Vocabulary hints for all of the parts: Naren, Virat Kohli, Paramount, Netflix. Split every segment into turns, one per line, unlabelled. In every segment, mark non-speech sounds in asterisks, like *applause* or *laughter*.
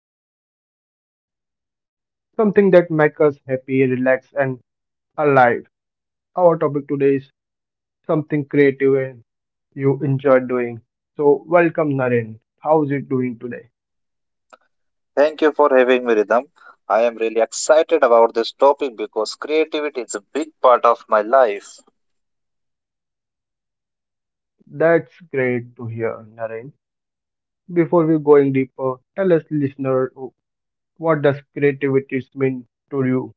something very special, something that makes us happy, relaxed, and alive. Our topic today is something creative and you enjoy doing. So, welcome, Naren. How's it doing today?
Thank you for having me, Rhythm. I am really excited about this topic because creativity is a big part of my life.
That's great to hear, Naren. Before we going deeper, tell us, listener, what does creativity mean to you?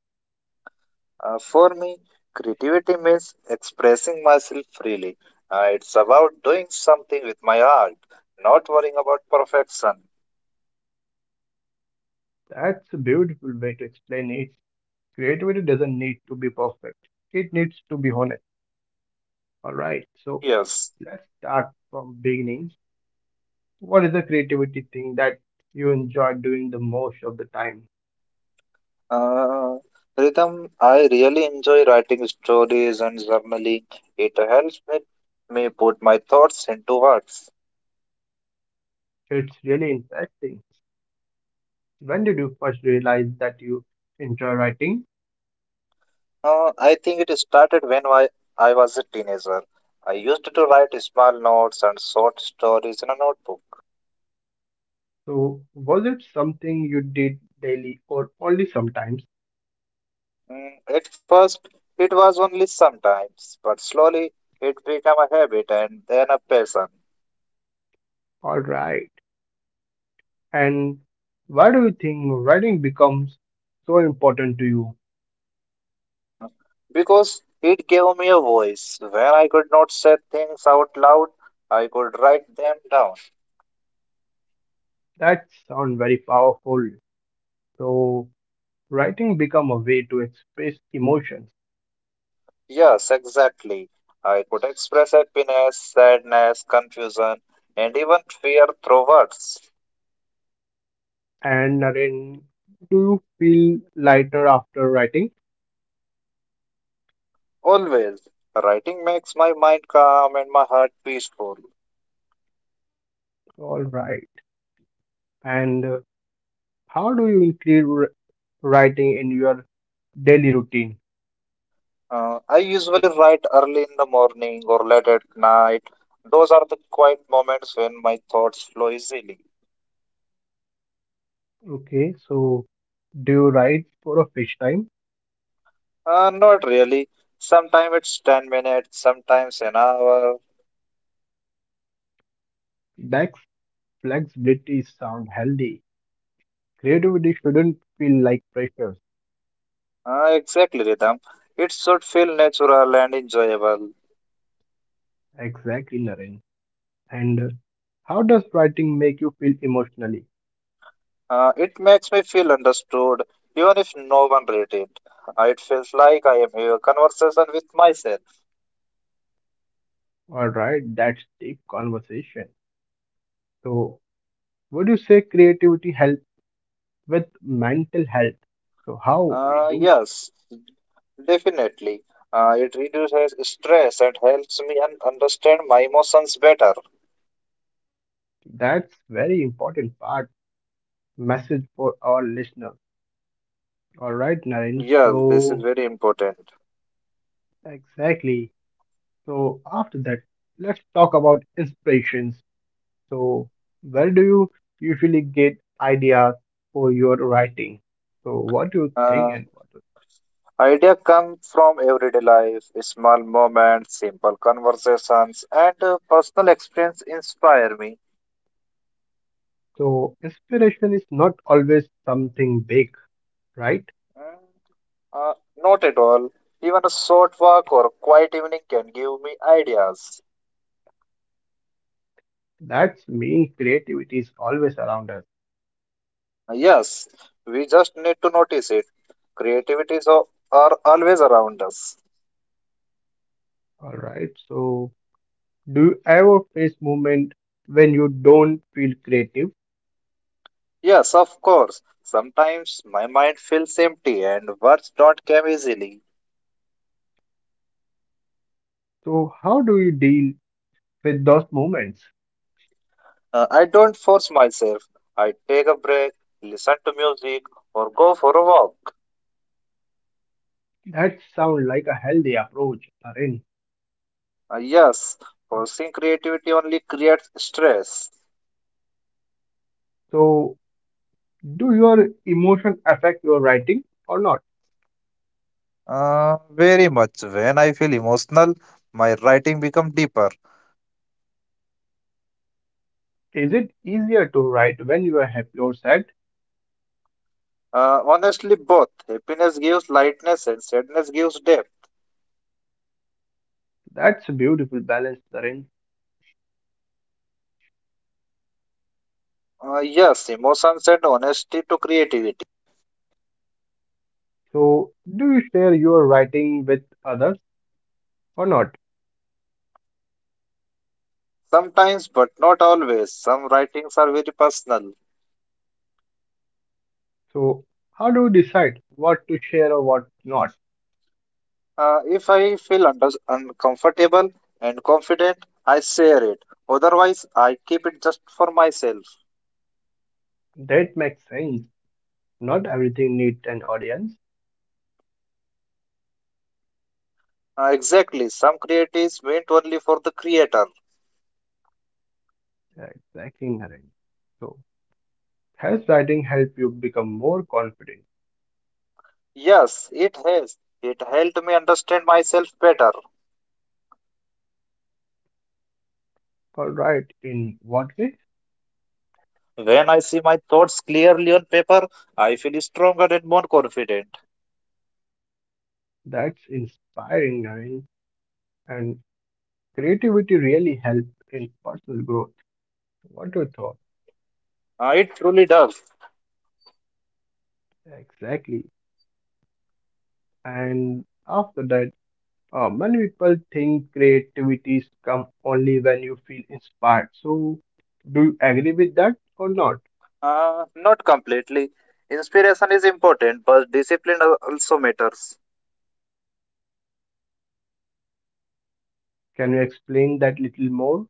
For me, creativity means expressing myself freely. It's about doing something with my art, not worrying about perfection.
That's a beautiful way to explain it. Creativity doesn't need to be perfect. It needs to be honest. All right. So
Yes.
let's start from beginning. What is the creativity thing that you enjoy doing the most of the time?
Uh, Rhythm, I really enjoy writing stories and journaling. It helps me put my thoughts into words.
It's really interesting. When did you first realize that you enjoy writing?
I think it started when I was a teenager. I used to write small notes and short stories in a notebook.
So was it something you did daily or only sometimes?
At first, it was only sometimes, but slowly it became a habit and then a passion.
All right. And why do you think writing becomes so important to you?
uh, because it gave me a voice. When I could not say things out loud, I could write them down.
That sounds very powerful. So writing become a way to express emotions.
Yes, exactly. I could express happiness, sadness, confusion, and even fear through words.
And Naren, do you feel lighter after writing?
Always. Writing makes my mind calm and my heart peaceful.
All right. And how do you include writing in your daily routine?
I usually write early in the morning or late at night. Those are the quiet moments when my thoughts flow easily.
Okay, so do you write for a fish time?
Not really. Sometimes it's 10 minutes, sometimes an hour.
That flexibility sound healthy. Creativity shouldn't feel like pressure.
Exactly, Rhythm. It should feel natural and enjoyable.
Exactly, Naren. And how does writing make you feel emotionally?
It makes me feel understood, even if no one read it. It feels like I am having a conversation with myself.
All right, that's deep conversation. So would you say creativity help with mental health? So how we
Uh,
do?
yes, definitely. It reduces stress and helps me understand my emotions better.
That's very important part message for our listener. All right, Naren.
Yes, this is
So
very important.
exactly. So after that, let's talk about inspirations. So where do you usually get ideas for your writing? So what do you think
Uh,
and what?
idea come from everyday life, small moments, simple conversations, and personal experience inspire me.
So inspiration is not always something big, right?
Mm, Uh, not at all. Even a short walk or quiet evening can give me ideas.
That's mean creativity is always around us.
Yes, we just need to notice it. Creativities are always around us.
All right. So, do you ever face moment when you don't feel creative?
Yes, of course. Sometimes my mind feels empty and words don't come easily.
So, how do you deal with those moments?
I don't force myself. I take a break, listen to music, or go for a walk.
That sounds like a healthy approach, Tarin.
Yes, forcing creativity only creates stress.
So, do your emotion affect your writing or not? Is it easier to write when you are happy or sad? That's a beautiful balance, Tarin. So, do you share your writing with others or not?
Sometimes, but not always. Some writings are very personal.
So, how do you decide what to share or what not?
If I feel uncomfortable and confident, I share it. Otherwise, I keep it just for myself.
That makes sense. Not everything needs an audience.
Exactly. Some create is meant only for the creator.
Exactly, Naren. So, has writing helped you become more confident?
Yes, has. It helped me understand myself better.
All right, in what way?
When I see my thoughts clearly on paper, I feel stronger and more confident.
That's inspiring, Naren. And creativity really helps in personal growth. What you thought?
It truly does.
Exactly. And after that, many people think creativities come only when you feel inspired. So, do you agree with that or not?
Not completely. Inspiration is important, but discipline also matters.
Can you explain that little more?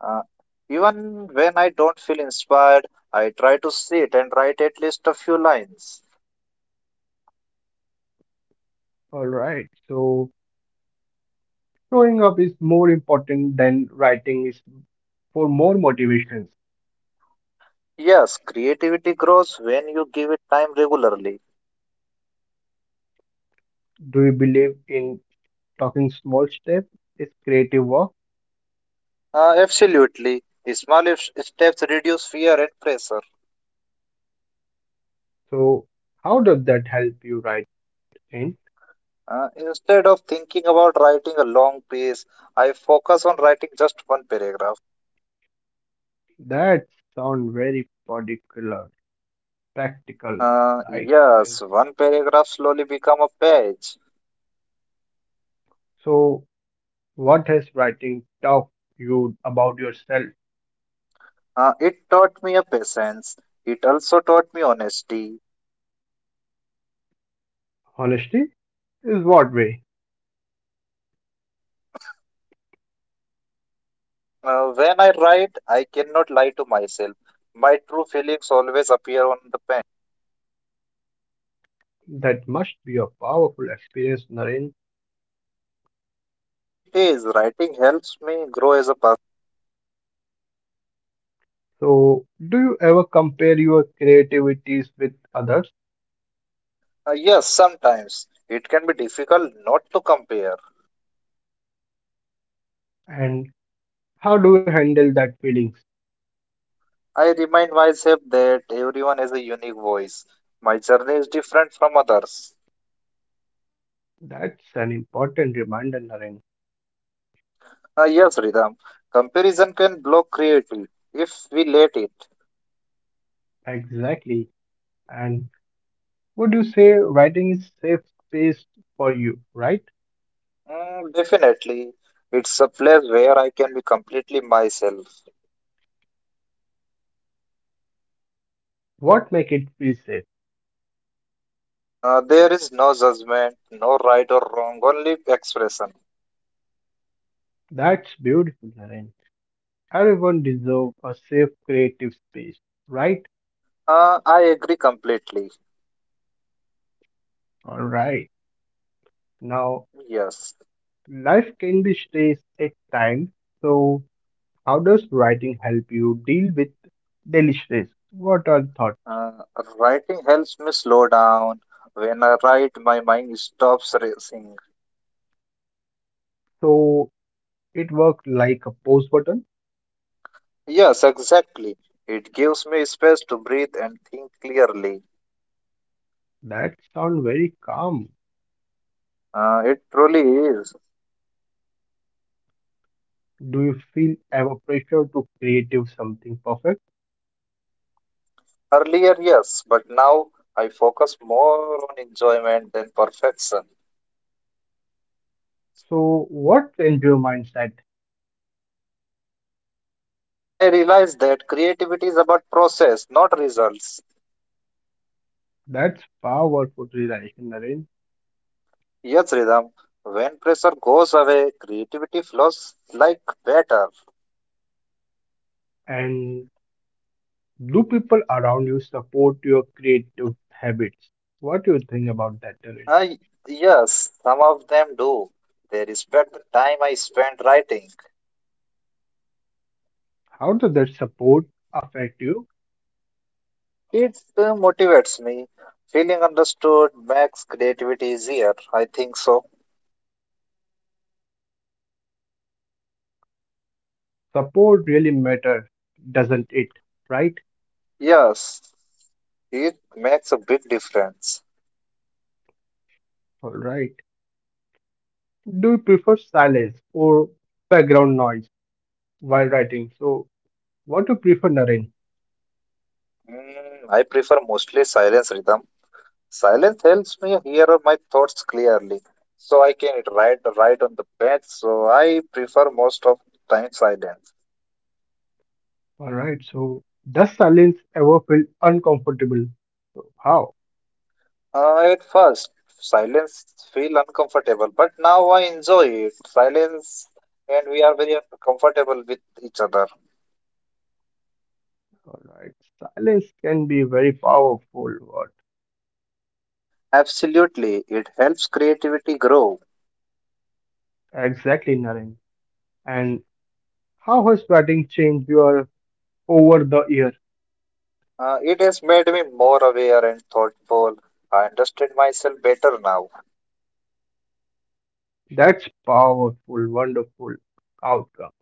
Uh, even when I don't feel inspired, I try to sit and write at least a few lines.
All right. So, showing up is more important than writing is for more motivations.
Yes, creativity grows when you give it time regularly.
Do you believe in talking small steps is creative work?
Absolutely. Small steps reduce fear and pressure.
So how does that help you write in?
Instead of thinking about writing a long piece, I focus on writing just one paragraph.
That sound very particular, practical,
Uh,
right,
yes,
Naren?
one paragraph slowly become a page.
So what has writing taught you about yourself?
It taught me a patience. It also taught me honesty.
Honesty is what way?
When I write, I cannot lie to myself. My true feelings always appear on the pen.
That must be a powerful experience, Naren.
It is writing helps me grow as a person.
So do you ever compare your creativities with others?
Yes, sometimes it can be difficult not to compare.
And how do you handle that feelings?
I remind myself that everyone has a unique voice. My journey is different from others.
That's an important reminder, Naren.
Yes, Ridham, comparison can block creativity if we let it.
Exactly. And would you say writing is safe space for you, right?
Mm, definitely, it's a place where I can be completely myself.
What make it feel safe?
There is no judgment, no right or wrong, only expression.
That's beautiful, Naren. Everyone deserve a safe creative space, right?
I agree completely.
All right. Now,
Yes.
life can be stressed at times. So, how does writing help you deal with daily stress? What are thoughts?
Uh, writing helps me slow down. When I write, my mind stops racing.
So, it works like a pause button.
Yes, exactly. It gives me space to breathe and think clearly.
That sound very calm.
It truly is.
Do you feel ever pressure to creative something perfect?
Earlier, yes, but now I focus more on enjoyment than perfection.
So what changed your mindset?
I realize that creativity is about process, not results.
That's powerful realization, Naren.
Yes, Rhythm. When pressure goes away, creativity flows like better.
And do people around you support your creative habits? What do you think about that, Naren?
I yes, some of them do. They respect the time I spend writing.
How does that support affect you?
It motivates me. Feeling understood makes creativity easier. I think so.
Support really matters, doesn't it? Right?
Yes, it makes a big difference.
Alright. Do you prefer silence or background noise while writing? So what do you prefer, Naren?
I prefer mostly silence, Rhythm. Silence helps me hear my thoughts clearly, so I can write on the page. So I prefer most of time silence.
All right. So does silence ever feel uncomfortable? So how?
At first, silence feel uncomfortable, but now I enjoy it. Silence, and we are very comfortable with each other.
All right. Silence can be very powerful. What
Absolutely, it helps creativity grow.
exactly, Naren? And how has batting changed your over the year?
It has made me more aware and thoughtful. I understand myself better now.
That's powerful, wonderful outcome.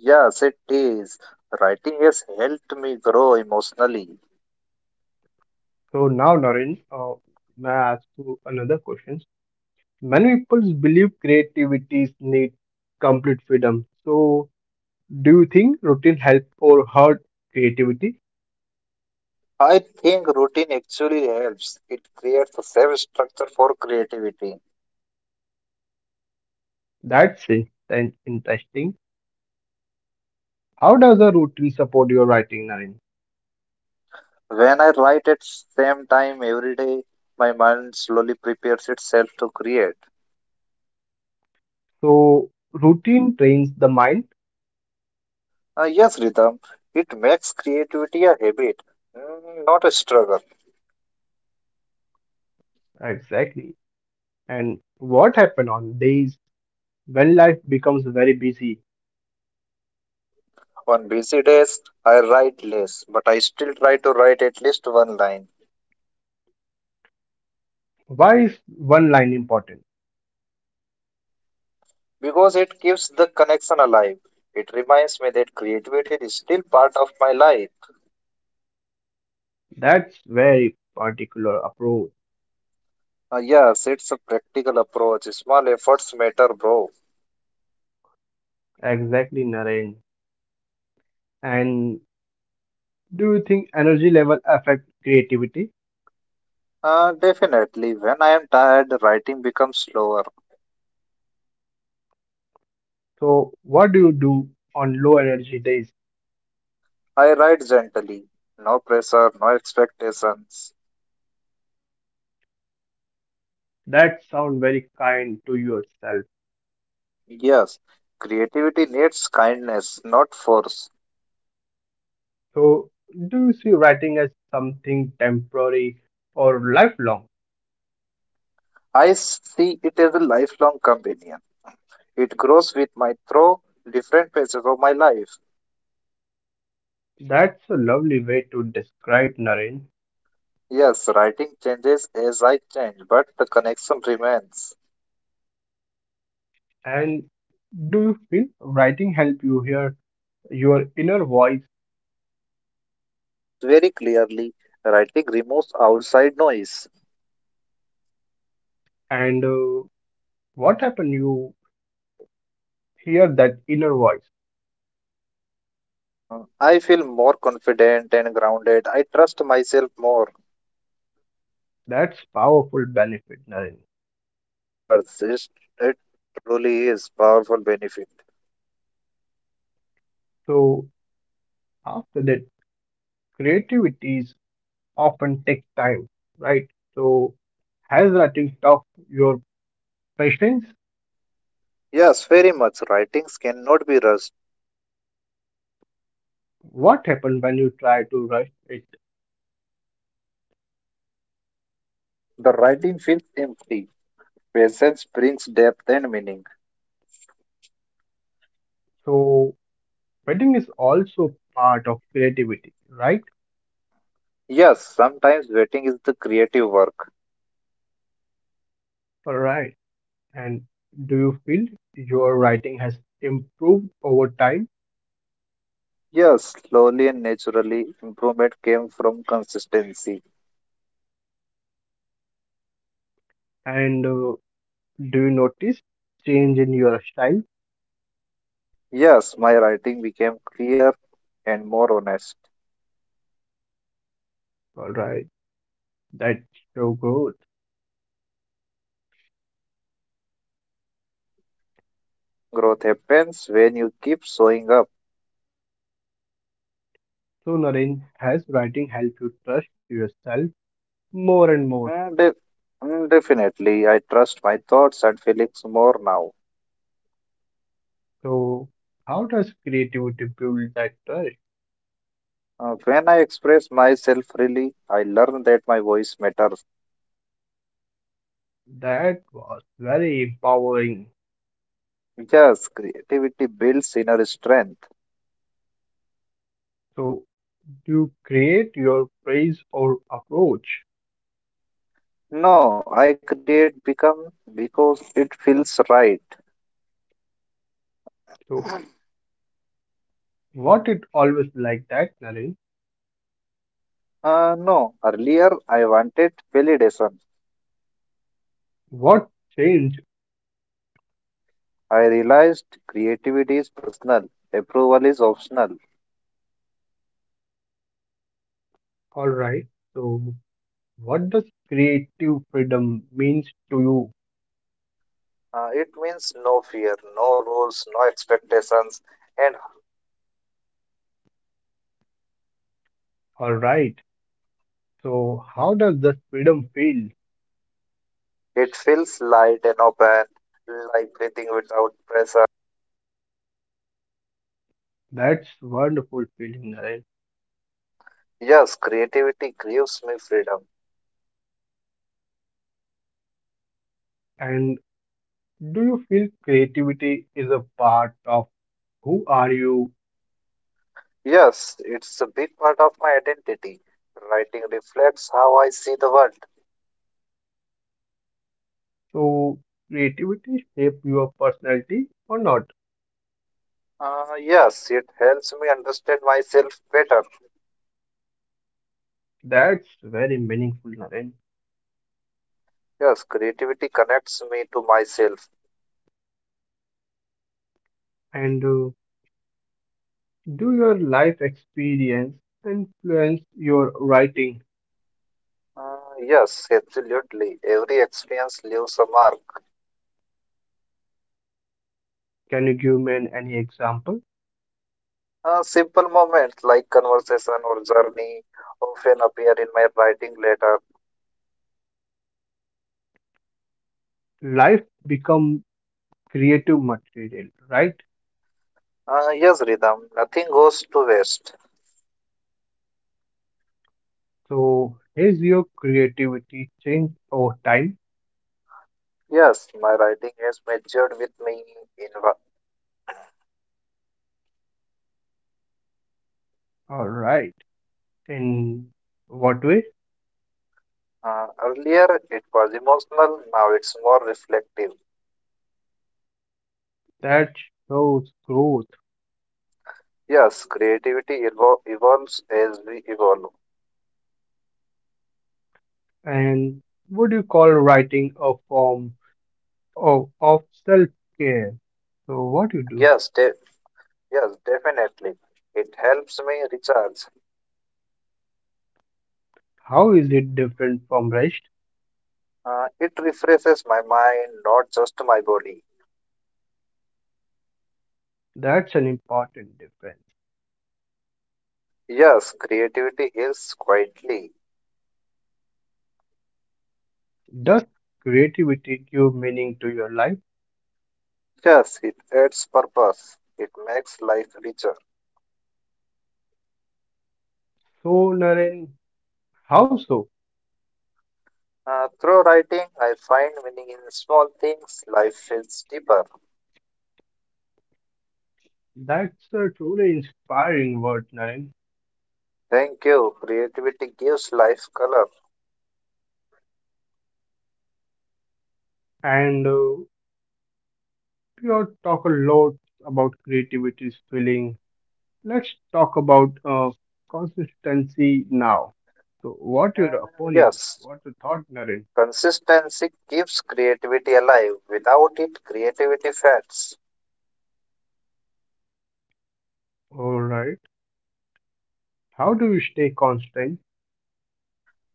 Yes, it is. Writing has helped me grow emotionally.
So now, Naren, may I ask you another question? Many people believe creativities need complete freedom. So do you think routine help or hurt creativity?
I think routine actually helps. It creates a safe structure for creativity.
That's it. Then interesting. How does a routine support your writing, Naren?
When I write at same time every day, my mind slowly prepares itself to create.
So routine trains the mind
Yes, rhythm. It makes creativity a habit, not a struggle.
exactly. And what happen on days when life becomes very busy?
On busy days, I write less, but I still try to write at least one line
Why is one line important?
because it keeps the connection alive. It reminds me that creativity is still part of my life.
That's very particular approach.
Yes, it's a practical approach. Small efforts matter, bro.
Exactly, Naren. And do you think energy level affect creativity?
Definitely. When I am tired, writing becomes slower.
So what do you do on low energy days?
I write gently. No pressure, no expectations.
That sound very kind to yourself.
Yes, creativity needs kindness, not force.
So, do you see writing as something temporary or lifelong?
I see it as a lifelong companion. It grows with my through different phases of my life.
That's a lovely way to describe Naren.
Yes, writing changes as I change, but the connection remains.
And do you feel writing help you hear your inner voice?
Yes, very clearly. Writing removes outside noise.
And what happen you hear that inner voice?
I feel more confident and grounded. I trust myself more.
That's powerful benefit, Naren.
Yes, it truly is powerful benefit.
So after that, creativities often take time, right? So has writing taught your patience?
Yes, very much. Writings cannot be rushed.
What happened when you try to rush it?
The writing feels empty. Patience brings depth and meaning.
So wedding is also part of creativity, right?
Yes, sometimes waiting is the creative work.
All right. And do you feel your writing has improved over time?
Yes, slowly and naturally, improvement came from consistency.
And do you notice change in your style?
Yes, my writing became clear and more honest.
All right. That's so growth.
Growth happens when you keep showing up.
So Naren, has writing helped you trust yourself more and more?
Uh, def- definitely, I trust my thoughts and feelings more now.
So how does creativity build that trust?
When I express myself freely, I learn that my voice matters.
That was very empowering.
Yes, creativity builds inner strength.
So do you create your praise or approach?
No, I create become because it feels right.
So, what it always like that, Naren?
No, earlier I wanted validation.
What changed?
I realized creativity is personal, approval is optional.
All right. So, what does creative freedom means to you?
It means no fear, rules, no expectations, and
All right. So, how does this freedom feel?
it feels light and open, like breathing without pressure.
That's wonderful feeling, Naren.
Yes, creativity gives me freedom.
And do you feel creativity is a part of who are you?
Yes, it's a big part of my identity. Writing reflects how I see the world.
So, creativity shape your personality or not?
Yes, it helps me understand myself better.
That's very meaningful, Naren.
Yes, creativity connects me to myself.
And do your life experience influence your writing?
Yes, absolutely. Every experience leaves a mark.
Can you give me any example?
Simple moments like conversation or journey often appear in my writing later.
Life become creative material, right?
Yes, Ridham, nothing goes to waste.
So has your creativity changed over time?
Yes, my writing is measured with me. In wa-
All right. In what way?
earlier, it was emotional, now it's more reflective.
That shows growth.
Yes, creativity evolves as we evolve.
And would you call writing a form of self-care? So what you do?
Yes, de- yes, definitely. It helps me recharge.
How is it different from rest?
It refreshes my mind, not just my body.
That's an important difference.
Yes, creativity is quietly.
Does creativity give meaning to your life?
Yes, it adds purpose. It makes life richer.
So, Naren, how so?
Through writing, I find meaning in small things. Life feels deeper.
That's a truly inspiring word, Naren.
Thank you. Creativity gives life color.
And we all talk a lot about creativity's feeling. Let's talk about consistency now. So, what your
Mm,
opinion?
yes,
What your thought, Naren?
consistency keeps creativity alive. Without it, creativity fades.
All right. How do you stay constant?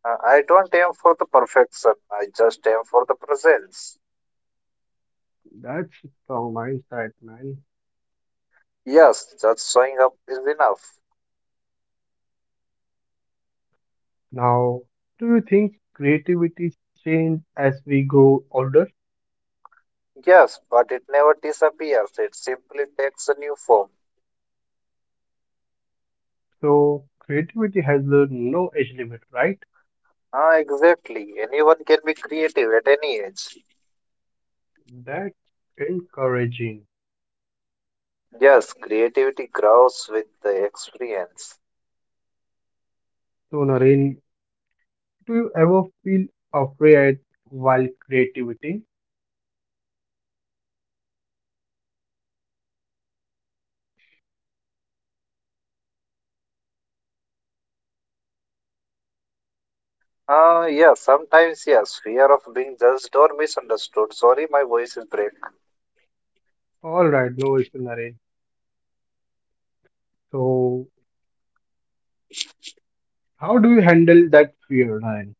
I don't aim for the perfection. I just aim for the presence.
That's a strong mindset, man.
Yes, just showing up is enough.
Now, do you think creativity change as we grow older?
Yes, but it never disappears. It simply takes a new form.
So creativity has the no age limit, right?
Ah, exactly. Anyone can be creative at any age.
That's encouraging.
Yes, creativity grows with the experience.
So Naren, do you ever feel afraid while creativity?
Yeah, sometimes, yes, fear of being judged or misunderstood. Sorry, my voice is break.
All right, no issue, Naren. So how do you handle that fear, Naren?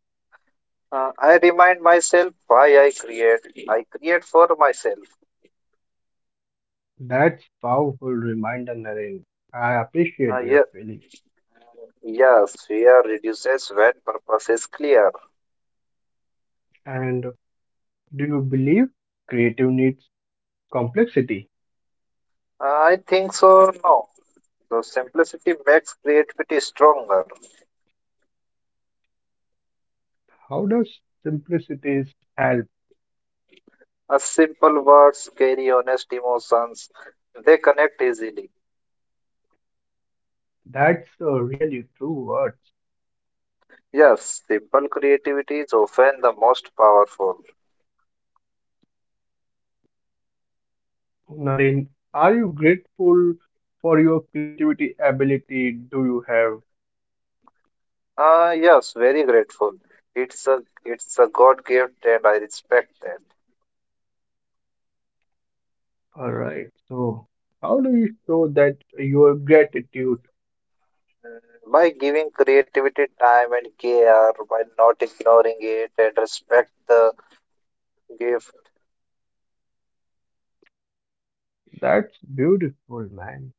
I remind myself why I create. I create for myself.
That's powerful reminder, Naren. I
Uh,
appreciate your
yeah,
feeling.
yes, fear reduces when purpose is clear.
And do you believe creative needs complexity?
I think so, no. So simplicity makes creativity stronger.
How does simplicity help?
Simple words carry honest emotions. They connect easily.
That's a really true word.
Yes, simple creativity is often the most powerful.
Naren, are you grateful for your creativity ability? Do you have?
Ah, yes, very grateful. It's a it's a God gift and I respect that.
All right. So, how do you show that your gratitude?
Mm, by giving creativity time and care, by not ignoring it and respect the gift.
That's beautiful, man.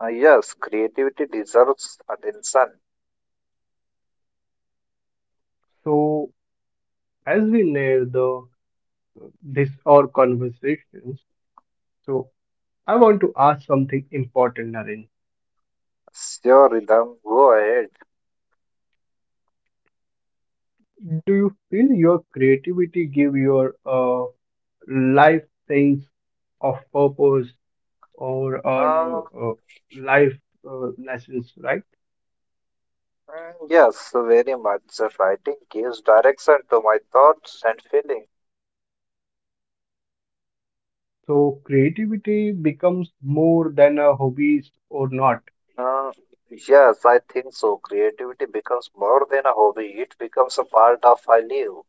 Ah, yes, creativity deserves attention.
So, as we near the this our conversations, so I want to ask something important, Naren.
Sure, Ridham, go ahead.
Do you feel your creativity give your life things of purpose? Or our
Ah,
life lessons, right?
yes, very much. Writing gives direction to my thoughts and feelings.
So creativity becomes more than a hobbies or not.
Uh, yes, I think so. Creativity becomes more than a hobby, it becomes a part of our life.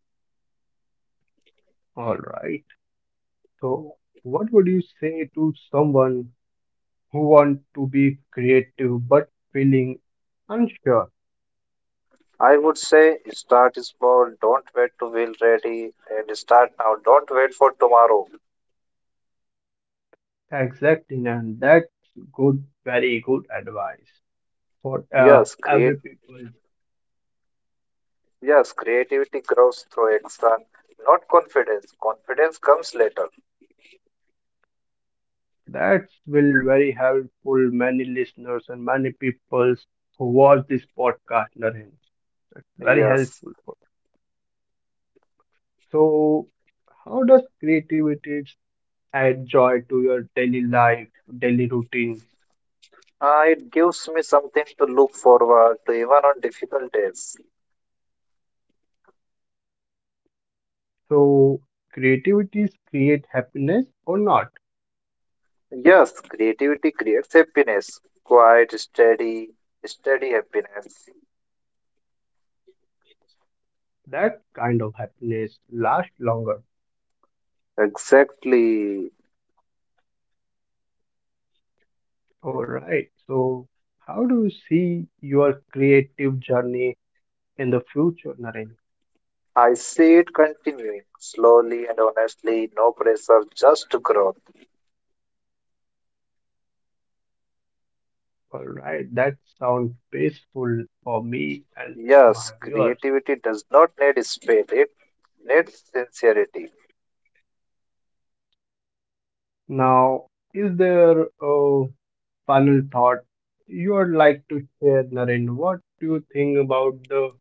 All right. So what would you say to someone who want to be creative but feeling unsure?
I would say start small, don't wait to feel ready, and start now, don't wait for tomorrow.
Exactly, and that's good, very good advice for
Yes,
every people.
Creativity grows through action, not confidence. Confidence comes later.
That will very helpful many listeners and many people who watch this podcast, Naren. That's very
Yes,
helpful us. So, how does creativity add joy to your daily life, daily routines?
it gives me something to look forward to even on difficult days.
So, creativities create happiness or not?
Yes, creativity creates happiness, quiet, steady happiness.
That kind of happiness lasts longer.
Exactly.
All right. So, how do you see your creative journey in the future, Naren?
I see it continuing slowly and honestly, no pressure, just growth.
All right, that sounds peaceful for me and
Yes,
my viewers.
creativity does not need speed, it needs sincerity.
Now, is there a final thought you would like to share, Naren? What do you think about the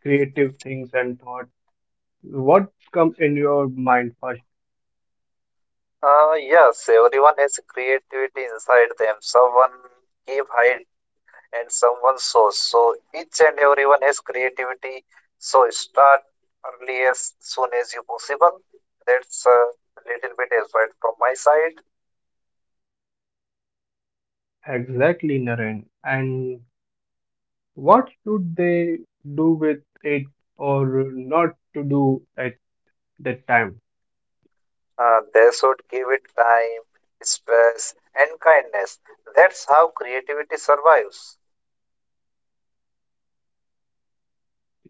creative things and thought? What comes in your mind first?
Yes, everyone has creativity inside them. Someone keep hide and someone sows. So each and everyone has creativity. So start early as soon as you possible. That's a little bit advice from my side.
Exactly, Naren. And what should they do with it or not to do at that time?
They should give it time, space, and kindness. That's how creativity survives.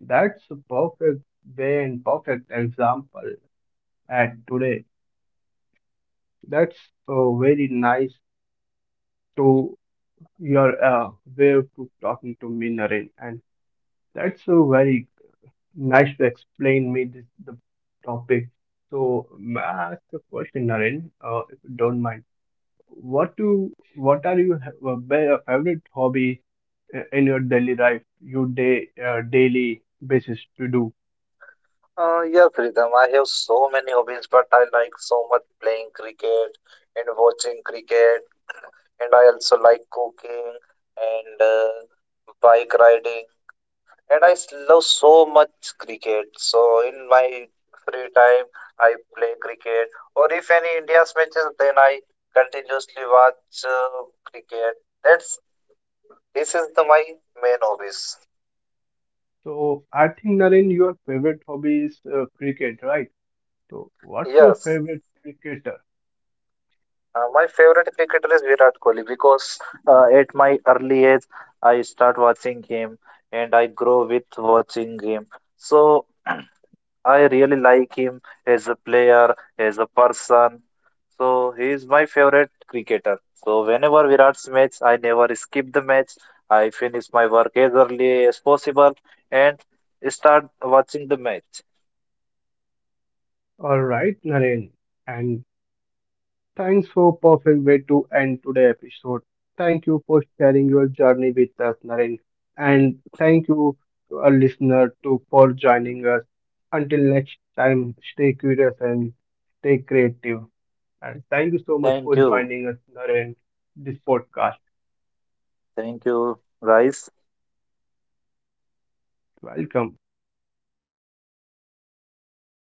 That's a perfect way and perfect example at today. That's very nice to your way of to talking to me, Naren, and that's very nice to explain me this the topic. So, may I ask a question, Naren, if you don't mind. What are your favorite hobbies in your daily life, your day daily basis to do?
Yeah, Freedom. I have so many hobbies, but I like so much playing cricket and watching cricket, and I also like cooking and bike riding, and I love so much cricket. So in my free time, I play cricket, or if any India's matches, then I continuously watch cricket. That's This is the my main hobbies.
So, I think Naren, your favorite hobby is cricket, right? So, what's your
Yes,
favorite cricketer?
my favorite cricketer is Virat Kohli because at my early age I start watching him and I grow with watching him. So *clears throat* I really like him as a player, as a person. So he is my favorite cricketer. So whenever Virat's match, I never skip the match. I finish my work as early as possible and start watching the match.
All right, Naren, and thanks for perfect way to end today episode. Thank you for sharing your journey with us, Naren, and thank you to our listener too for joining us. Until next time, stay curious and stay creative. And thank you so much for
Thank you.
joining us, Naren, this podcast.
Thank you, guys.
Welcome.